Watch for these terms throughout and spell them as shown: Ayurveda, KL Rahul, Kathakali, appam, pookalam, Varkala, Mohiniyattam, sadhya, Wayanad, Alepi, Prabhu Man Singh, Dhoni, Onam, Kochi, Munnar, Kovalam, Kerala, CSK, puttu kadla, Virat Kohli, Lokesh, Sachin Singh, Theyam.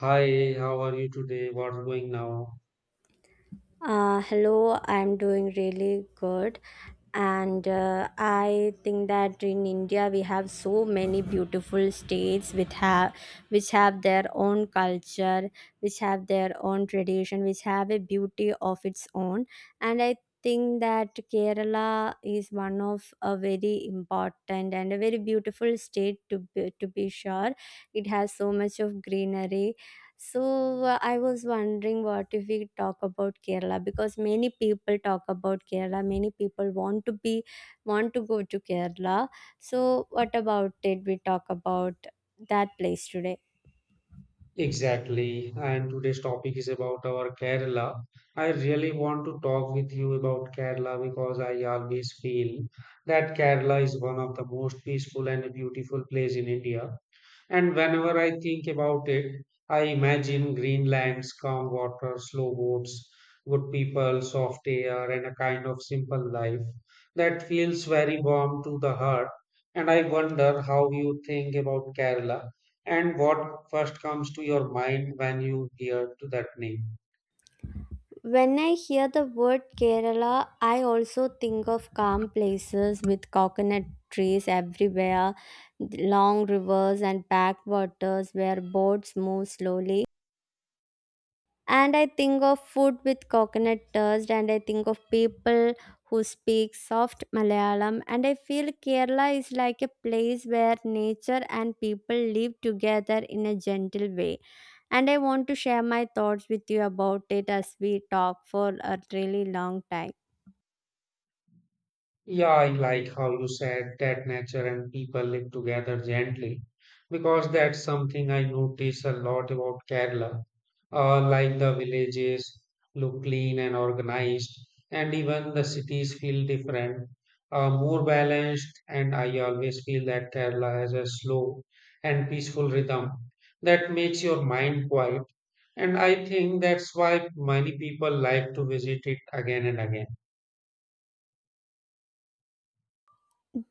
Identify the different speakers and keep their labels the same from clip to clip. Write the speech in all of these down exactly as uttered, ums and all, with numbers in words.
Speaker 1: Hi, how are you today? What's going now?
Speaker 2: Uh, hello, I'm doing really good. And uh, I think that in India we have so many beautiful states which have which have their own culture, which have their own tradition, which have a beauty of its own. And I think that Kerala is one of a very important and a very beautiful state to be, to be sure. It has so much of greenery, so uh, I was wondering, what if we talk about Kerala, because many people talk about Kerala, many people want to be want to go to Kerala. So what about it? We talk about that place today.
Speaker 1: Exactly. And today's topic is about our Kerala. I really want to talk with you about Kerala because I always feel that Kerala is one of the most peaceful and beautiful place in India. And whenever I think about it, I imagine green lands, calm water, slow boats, good people, soft air, and a kind of simple life that feels very warm to the heart. And I wonder how you think about Kerala and what first comes to your mind when you hear to that name.
Speaker 2: When I hear the word Kerala, I also think of calm places with coconut trees everywhere, long rivers and backwaters where boats move slowly, and I think of food with coconut dust, and I think of people who speak soft Malayalam, and I feel Kerala is like a place where nature and people live together in a gentle way, and I want to share my thoughts with you about it as we talk for a really long time.
Speaker 1: Yeah, I like how you said that nature and people live together gently because that's something I notice a lot about Kerala. Uh, like the villages look clean and organized, and even the cities feel different, uh, more balanced. And I always feel that Kerala has a slow and peaceful rhythm that makes your mind quiet. And I think that's why many people like to visit it again and again.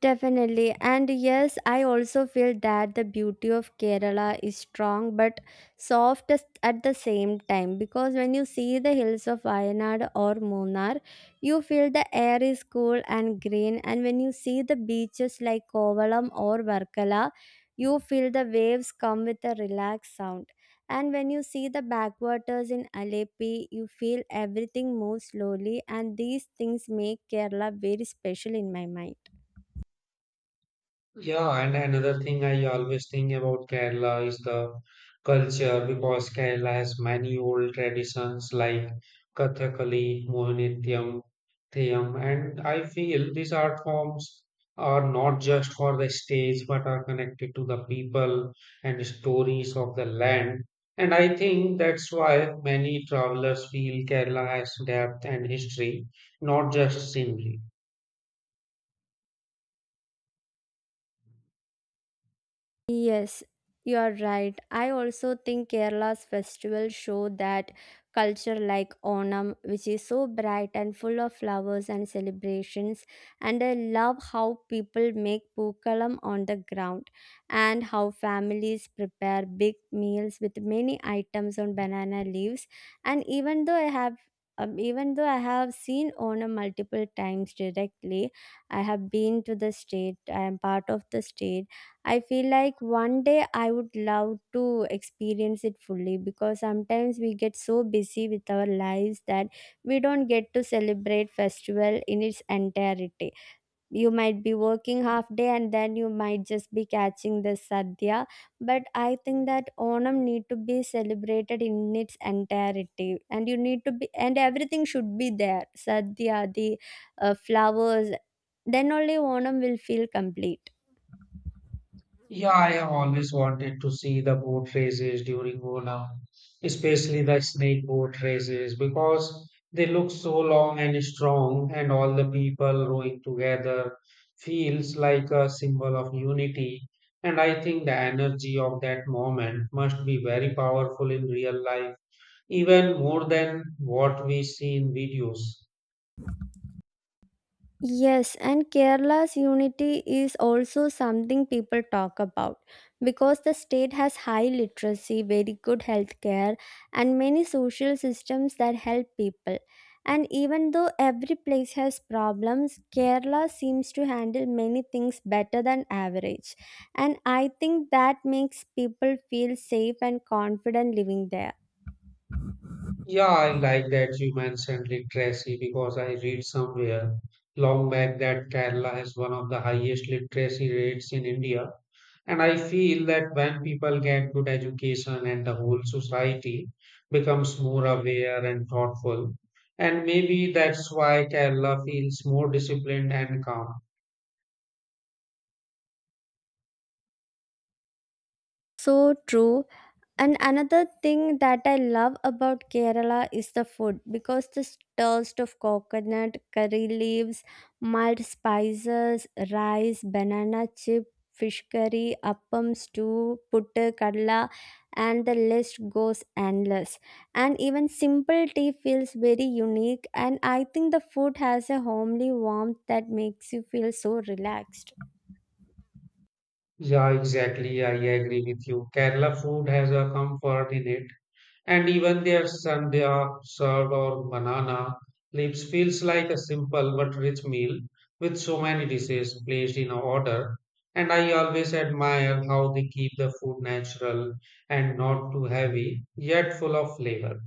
Speaker 2: Definitely. And yes, I also feel that the beauty of Kerala is strong but soft as- at the same time, because when you see the hills of Wayanad or Munnar, you feel the air is cool and green. And when you see the beaches like Kovalam or Varkala, you feel the waves come with a relaxed sound. And when you see the backwaters in Alepi, you feel everything moves slowly, and these things make Kerala very special in my mind.
Speaker 1: Yeah, and another thing I always think about Kerala is the culture because Kerala has many old traditions like Kathakali, Mohiniyattam, Theyam, and I feel these art forms are not just for the stage but are connected to the people and stories of the land. And I think that's why many travelers feel Kerala has depth and history, not just scenery.
Speaker 2: Yes, you are right. I also think Kerala's festivals show that culture, like Onam, which is so bright and full of flowers and celebrations. And I love how people make pookalam on the ground and how families prepare big meals with many items on banana leaves. And even though I have um, even though I have seen Onam multiple times directly, I have been to the state, I am part of the state. I feel like one day I would love to experience it fully, because sometimes we get so busy with our lives that we don't get to celebrate festival in its entirety. You might be working half day and then you might just be catching the sadhya, but I think that Onam need to be celebrated in its entirety, and you need to be, and everything should be there. Sadhya, the uh, flowers, then only Onam will feel complete.
Speaker 1: Yeah, I always wanted to see the boat races during Onam, especially the snake boat races, because they look so long and strong, and all the people rowing together feels like a symbol of unity. And I think the energy of that moment must be very powerful in real life, even more than what we see in videos.
Speaker 2: Yes, and Kerala's unity is also something people talk about, because the state has high literacy, very good healthcare, and many social systems that help people. And even though every place has problems, Kerala seems to handle many things better than average. And I think that makes people feel safe and confident living there.
Speaker 1: Yeah, I like that you mentioned literacy because I read somewhere long back that Kerala has one of the highest literacy rates in India. And I feel that when people get good education and the whole society becomes more aware and thoughtful, and maybe that's why Kerala feels more disciplined and calm.
Speaker 2: So true. And another thing that I love about Kerala is the food, because the taste of coconut, curry leaves, mild spices, rice, banana chip, fish curry, appam stew, puttu kadla, and the list goes endless. And even simple tea feels very unique. And I think the food has a homely warmth that makes you feel so relaxed.
Speaker 1: Yeah, exactly. I agree with you. Kerala food has a comfort in it. And even their sandhya, curd, or banana leaves feels like a simple but rich meal with so many dishes placed in order. And I always admire how they keep the food natural and not too heavy, yet full of flavor.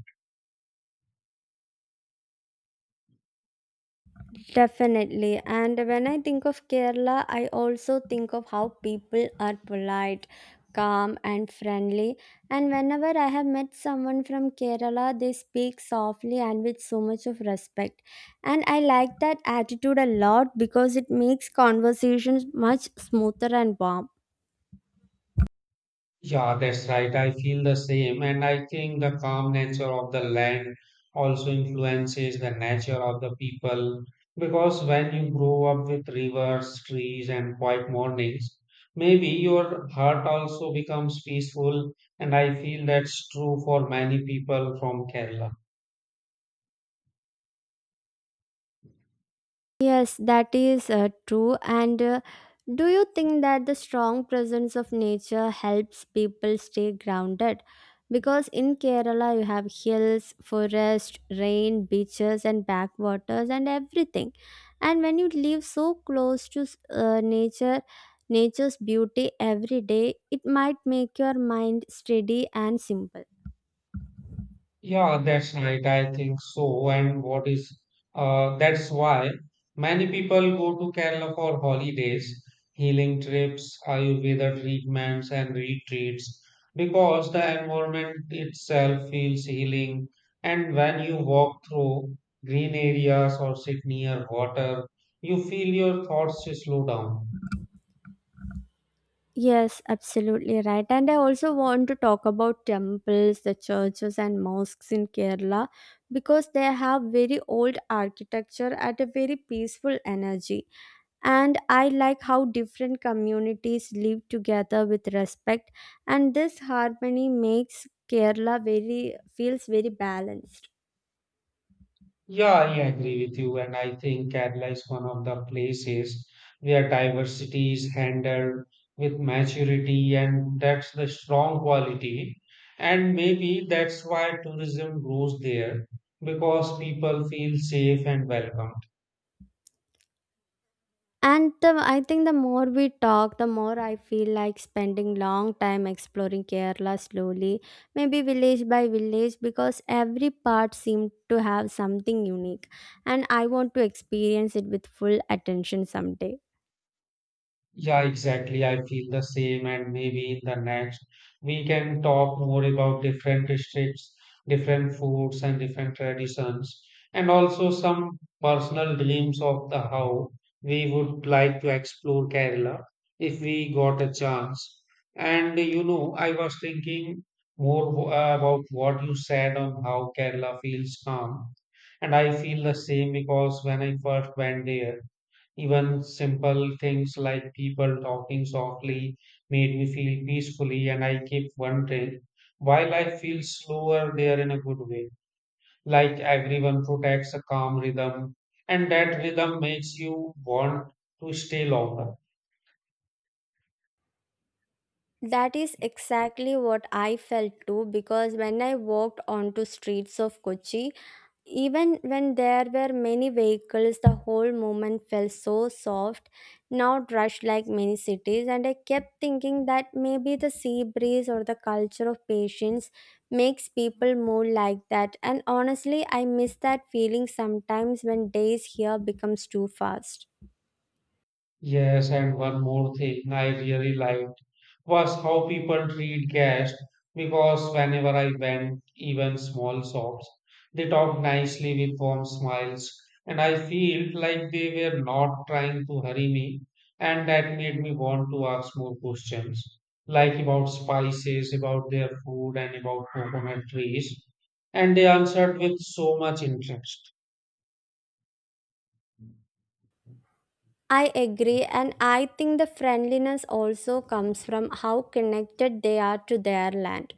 Speaker 2: Definitely. And when I think of Kerala, I also think of how people are polite, calm, and friendly. And whenever I have met someone from Kerala, they speak softly and with so much of respect. And I like that attitude a lot because it makes conversations much smoother and warm.
Speaker 1: Yeah, that's right. I feel the same. And I think the calm nature of the land also influences the nature of the people. Because when you grow up with rivers, trees, and quiet mornings, maybe your heart also becomes peaceful. And I feel that's true for many people from Kerala.
Speaker 2: Yes, that is uh, true. And uh, do you think that the strong presence of nature helps people stay grounded? Because in Kerala, you have hills, forest, rain, beaches, and backwaters, and everything. And when you live so close to uh, nature, nature's beauty every day, it might make your mind steady and simple.
Speaker 1: Yeah, that's right. I think so. And what is uh, that's why many people go to Kerala for holidays, healing trips, Ayurveda treatments, and retreats because the environment itself feels healing. And when you walk through green areas or sit near water, you feel your thoughts slow down.
Speaker 2: Yes, absolutely right. And I also want to talk about temples, the churches, and mosques in Kerala, because they have very old architecture at a very peaceful energy. And I like how different communities live together with respect, and this harmony makes Kerala very feels very balanced.
Speaker 1: Yeah, I agree with you, and I think Kerala is one of the places where diversity is handled with maturity, and that's the strong quality. And maybe that's why tourism grows there because people feel safe and welcome.
Speaker 2: And the, I think the more we talk, the more I feel like spending long time exploring Kerala slowly, maybe village by village, because every part seemed to have something unique, and I want to experience it with full attention someday.
Speaker 1: Yeah, exactly. I feel the same, and maybe in the next we can talk more about different districts, different foods, and different traditions, and also some personal dreams of the how we would like to explore Kerala if we got a chance. And you know, I was thinking more w- uh, about what you said on how Kerala feels calm, and I feel the same because when I first went there. Even simple things like people talking softly made me feel peacefully, and I keep wondering why life feels slower there in a good way. Like everyone protects a calm rhythm, and that rhythm makes you want to stay longer.
Speaker 2: That is exactly what I felt too, because when I walked onto streets of Kochi, even when there were many vehicles, the whole movement felt so soft, not rushed like many cities. And I kept thinking that maybe the sea breeze or the culture of patience makes people move like that. And honestly, I miss that feeling sometimes when days here becomes too fast.
Speaker 1: Yes, and one more thing I really liked was how people treat guests because whenever I went, even small shops, they talked nicely with warm smiles, and I felt like they were not trying to hurry me, and that made me want to ask more questions, like about spices, about their food, and about coconut trees, and they answered with so much interest.
Speaker 2: I agree, and I think the friendliness also comes from how connected they are to their land.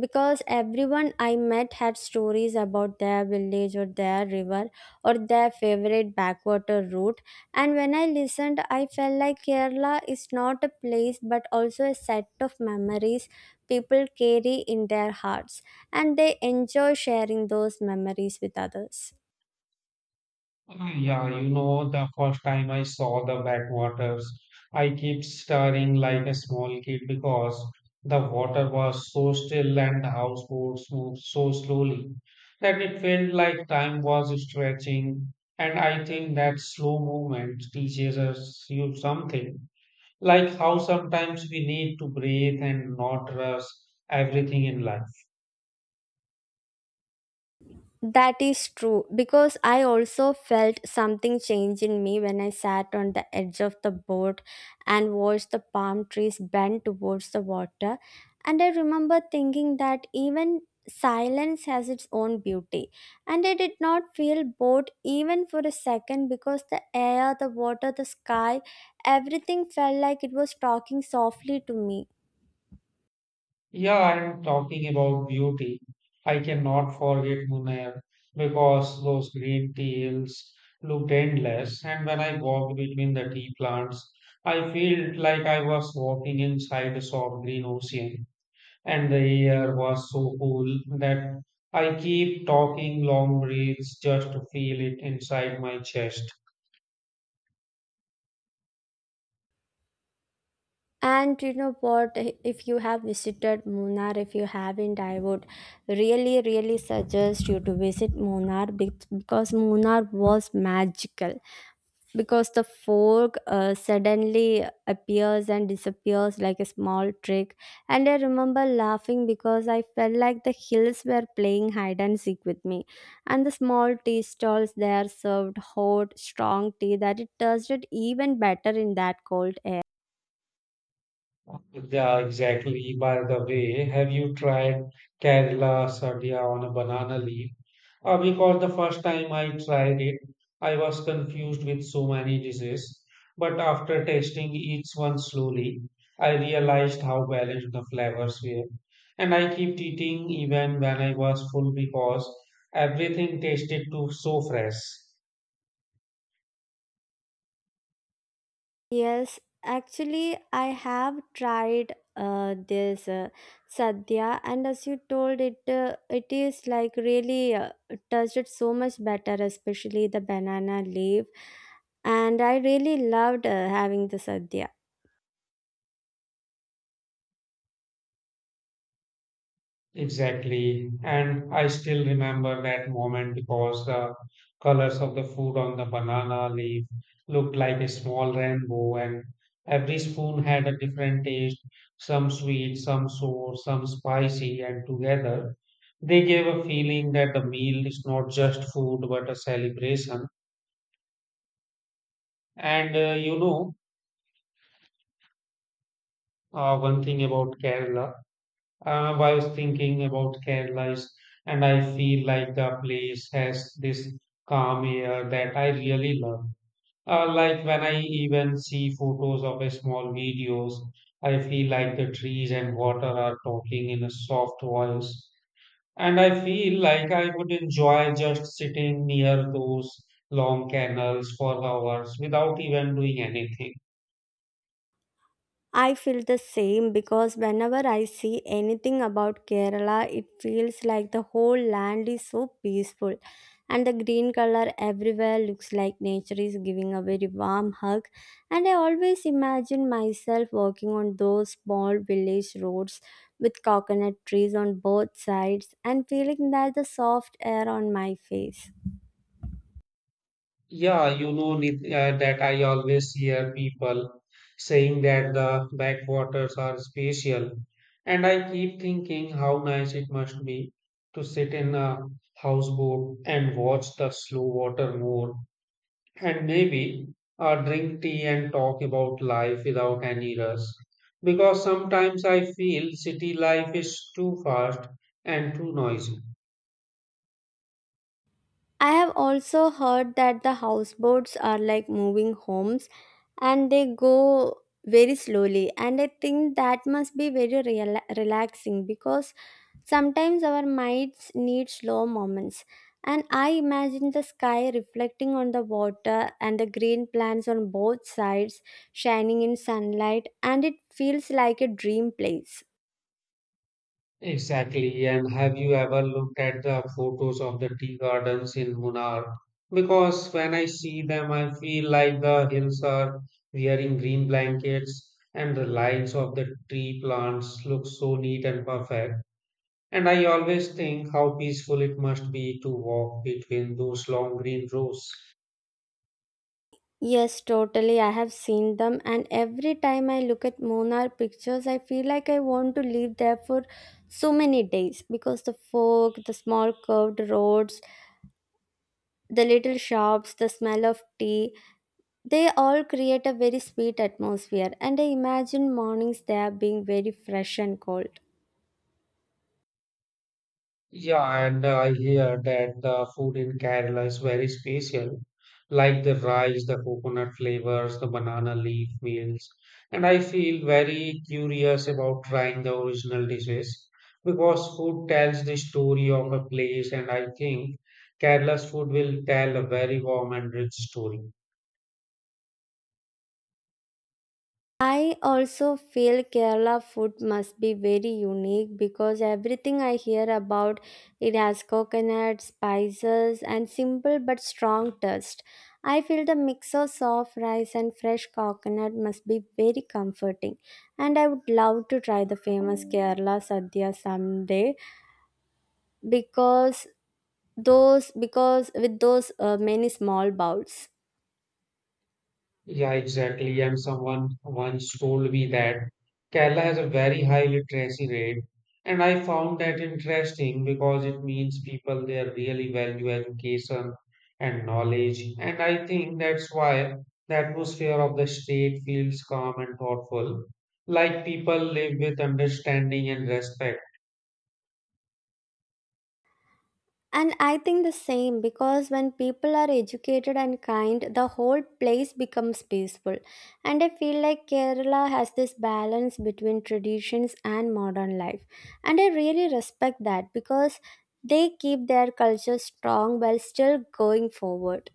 Speaker 2: Because everyone I met had stories about their village or their river or their favorite backwater route. And when I listened, I felt like Kerala is not a place but also a set of memories people carry in their hearts, and they enjoy sharing those memories with others.
Speaker 1: Ah, yeah, you know, the first time I saw the backwaters, I kept staring like a small kid because the water was so still and the houseboats moved so slowly that it felt like time was stretching. And I think that slow movement teaches us you something, like how sometimes we need to breathe and not rush everything in life.
Speaker 2: That is true, because I also felt something change in me when I sat on the edge of the boat and watched the palm trees bend towards the water. And I remember thinking that even silence has its own beauty. And I did not feel bored even for a second, because the air, the water, the sky, everything felt like it was talking softly to me.
Speaker 1: Yeah, I am talking about beauty. I cannot forget Munner because those green teals looked endless, and when I walked between the tea plants, I felt like I was walking inside a soft green ocean, and the air was so cool that I keep talking long breaths just to feel it inside my chest.
Speaker 2: And you know what? If you have visited Munnar, if you haven't, I would really, really suggest you to visit Munnar bec- because Munnar was magical. Because the fog uh, suddenly appears and disappears like a small trick. And I remember laughing because I felt like the hills were playing hide and seek with me. And the small tea stalls there served hot, strong tea that it tasted even better in that cold air.
Speaker 1: Yeah, exactly. By the way, have you tried Kerala sadhya on a banana leaf? Uh, because the first time I tried it, I was confused with so many dishes. But after tasting each one slowly, I realized how balanced the flavors were. And I kept eating even when I was full because everything tasted too so fresh.
Speaker 2: Yes, actually, I have tried uh, this uh, sadhya, and as you told it, uh, it is like really uh, touched it so much better, especially the banana leaf. And I really loved uh, having the sadhya.
Speaker 1: Exactly. And I still remember that moment because the colors of the food on the banana leaf looked like a small rainbow, and every spoon had a different taste, some sweet, some sour, some spicy, and together they gave a feeling that the meal is not just food but a celebration. And uh, you know, uh, One thing about Kerala. Uh, I was thinking about Kerala, is- and I feel like the place has this calm air that I really love. Uh, like when I even see photos of a small videos, I feel like the trees and water are talking in a soft voice. And I feel like I would enjoy just sitting near those long canals for hours without even doing anything.
Speaker 2: I feel the same, because whenever I see anything about Kerala, it feels like the whole land is so peaceful. And the green color everywhere looks like nature is giving a very warm hug. And I always imagine myself walking on those small village roads with coconut trees on both sides and feeling that the soft air on my face.
Speaker 1: Yeah, you know Nit- uh, that I always hear people saying that the backwaters are special, and I keep thinking how nice it must be to sit in a houseboat and watch the slow water more, and maybe uh, drink tea and talk about life without any rush. Because sometimes I feel city life is too fast and too noisy.
Speaker 2: I have also heard that the houseboats are like moving homes and they go very slowly, and I think that must be very rela relaxing, because sometimes our minds need slow moments, and I imagine the sky reflecting on the water and the green plants on both sides shining in sunlight, and it feels like a dream place.
Speaker 1: Exactly. And have you ever looked at the photos of the tea gardens in Munnar? Because when I see them, I feel like the hills are wearing green blankets and the lines of the tree plants look so neat and perfect. And I always think how peaceful it must be to walk between those long green rows.
Speaker 2: Yes, totally. I have seen them, and every time I look at Munnar pictures, I feel like I want to live there for so many days, because the fog, the small curved roads, the little shops, the smell of tea, they all create a very sweet atmosphere. And I imagine mornings there being very fresh and cold.
Speaker 1: Yeah, and uh, I hear that the food in Kerala is very special, like the rice, the coconut flavors, the banana leaf meals. And I feel very curious about trying the original dishes because food tells the story of a place, and I think Kerala's food will tell a very warm and rich story.
Speaker 2: I also feel Kerala food must be very unique, because everything I hear about it has coconut, spices, and simple but strong taste. I feel the mix of soft rice and fresh coconut must be very comforting, and I would love to try the famous Kerala sadhya someday because those because with those uh, many small bowls.
Speaker 1: Yeah, exactly. And someone once told me that Kerala has a very high literacy rate, and I found that interesting because it means people there really value education and knowledge. And I think that's why the atmosphere of the state feels calm and thoughtful, like people live with understanding and respect.
Speaker 2: And I think the same, because when people are educated and kind, the whole place becomes peaceful. And I feel like Kerala has this balance between traditions and modern life. And I really respect that, because they keep their culture strong while still going forward.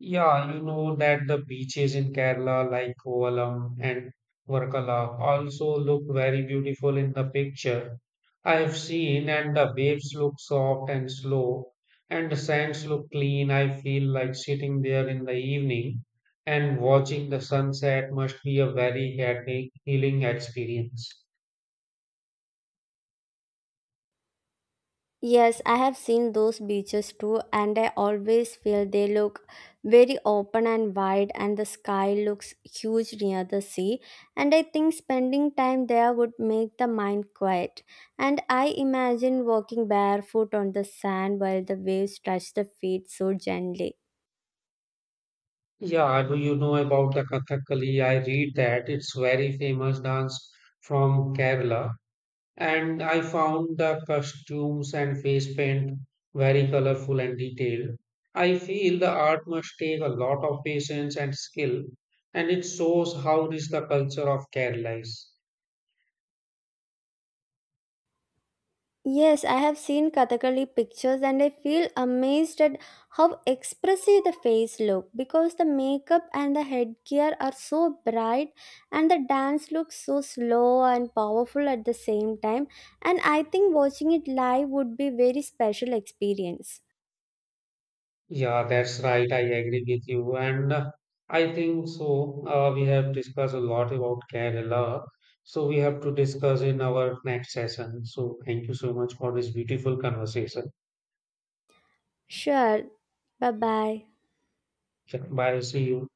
Speaker 1: Yeah, you know that the beaches in Kerala, like Kovalam and Varkala, also look very beautiful in the picture. I have seen, and the waves look soft and slow, and the sands look clean. I feel like sitting there in the evening and watching the sunset must be a very healing healing experience.
Speaker 2: Yes, I have seen those beaches too, and I always feel they look very open and wide, and the sky looks huge near the sea. And I think spending time there would make the mind quiet. And I imagine walking barefoot on the sand while the waves touch the feet so gently.
Speaker 1: Yeah, do you know about the Kathakali? I read that it's very famous dance from Kerala. And I found the costumes and face paint very colorful and detailed. I feel the art must take a lot of patience and skill, and it shows how rich the culture of Kerala is.
Speaker 2: Yes, I have seen Kathakali pictures and I feel amazed at how expressive the face look, because the makeup and the headgear are so bright and the dance looks so slow and powerful at the same time, and I think watching it live would be very special experience.
Speaker 1: Yeah, that's right. I agree with you, and uh, I think so. Uh, we have discussed a lot about Kerala, so we have to discuss in our next session. So, thank you so much for this beautiful conversation.
Speaker 2: Sure. Bye-bye.
Speaker 1: Yeah, bye. See you.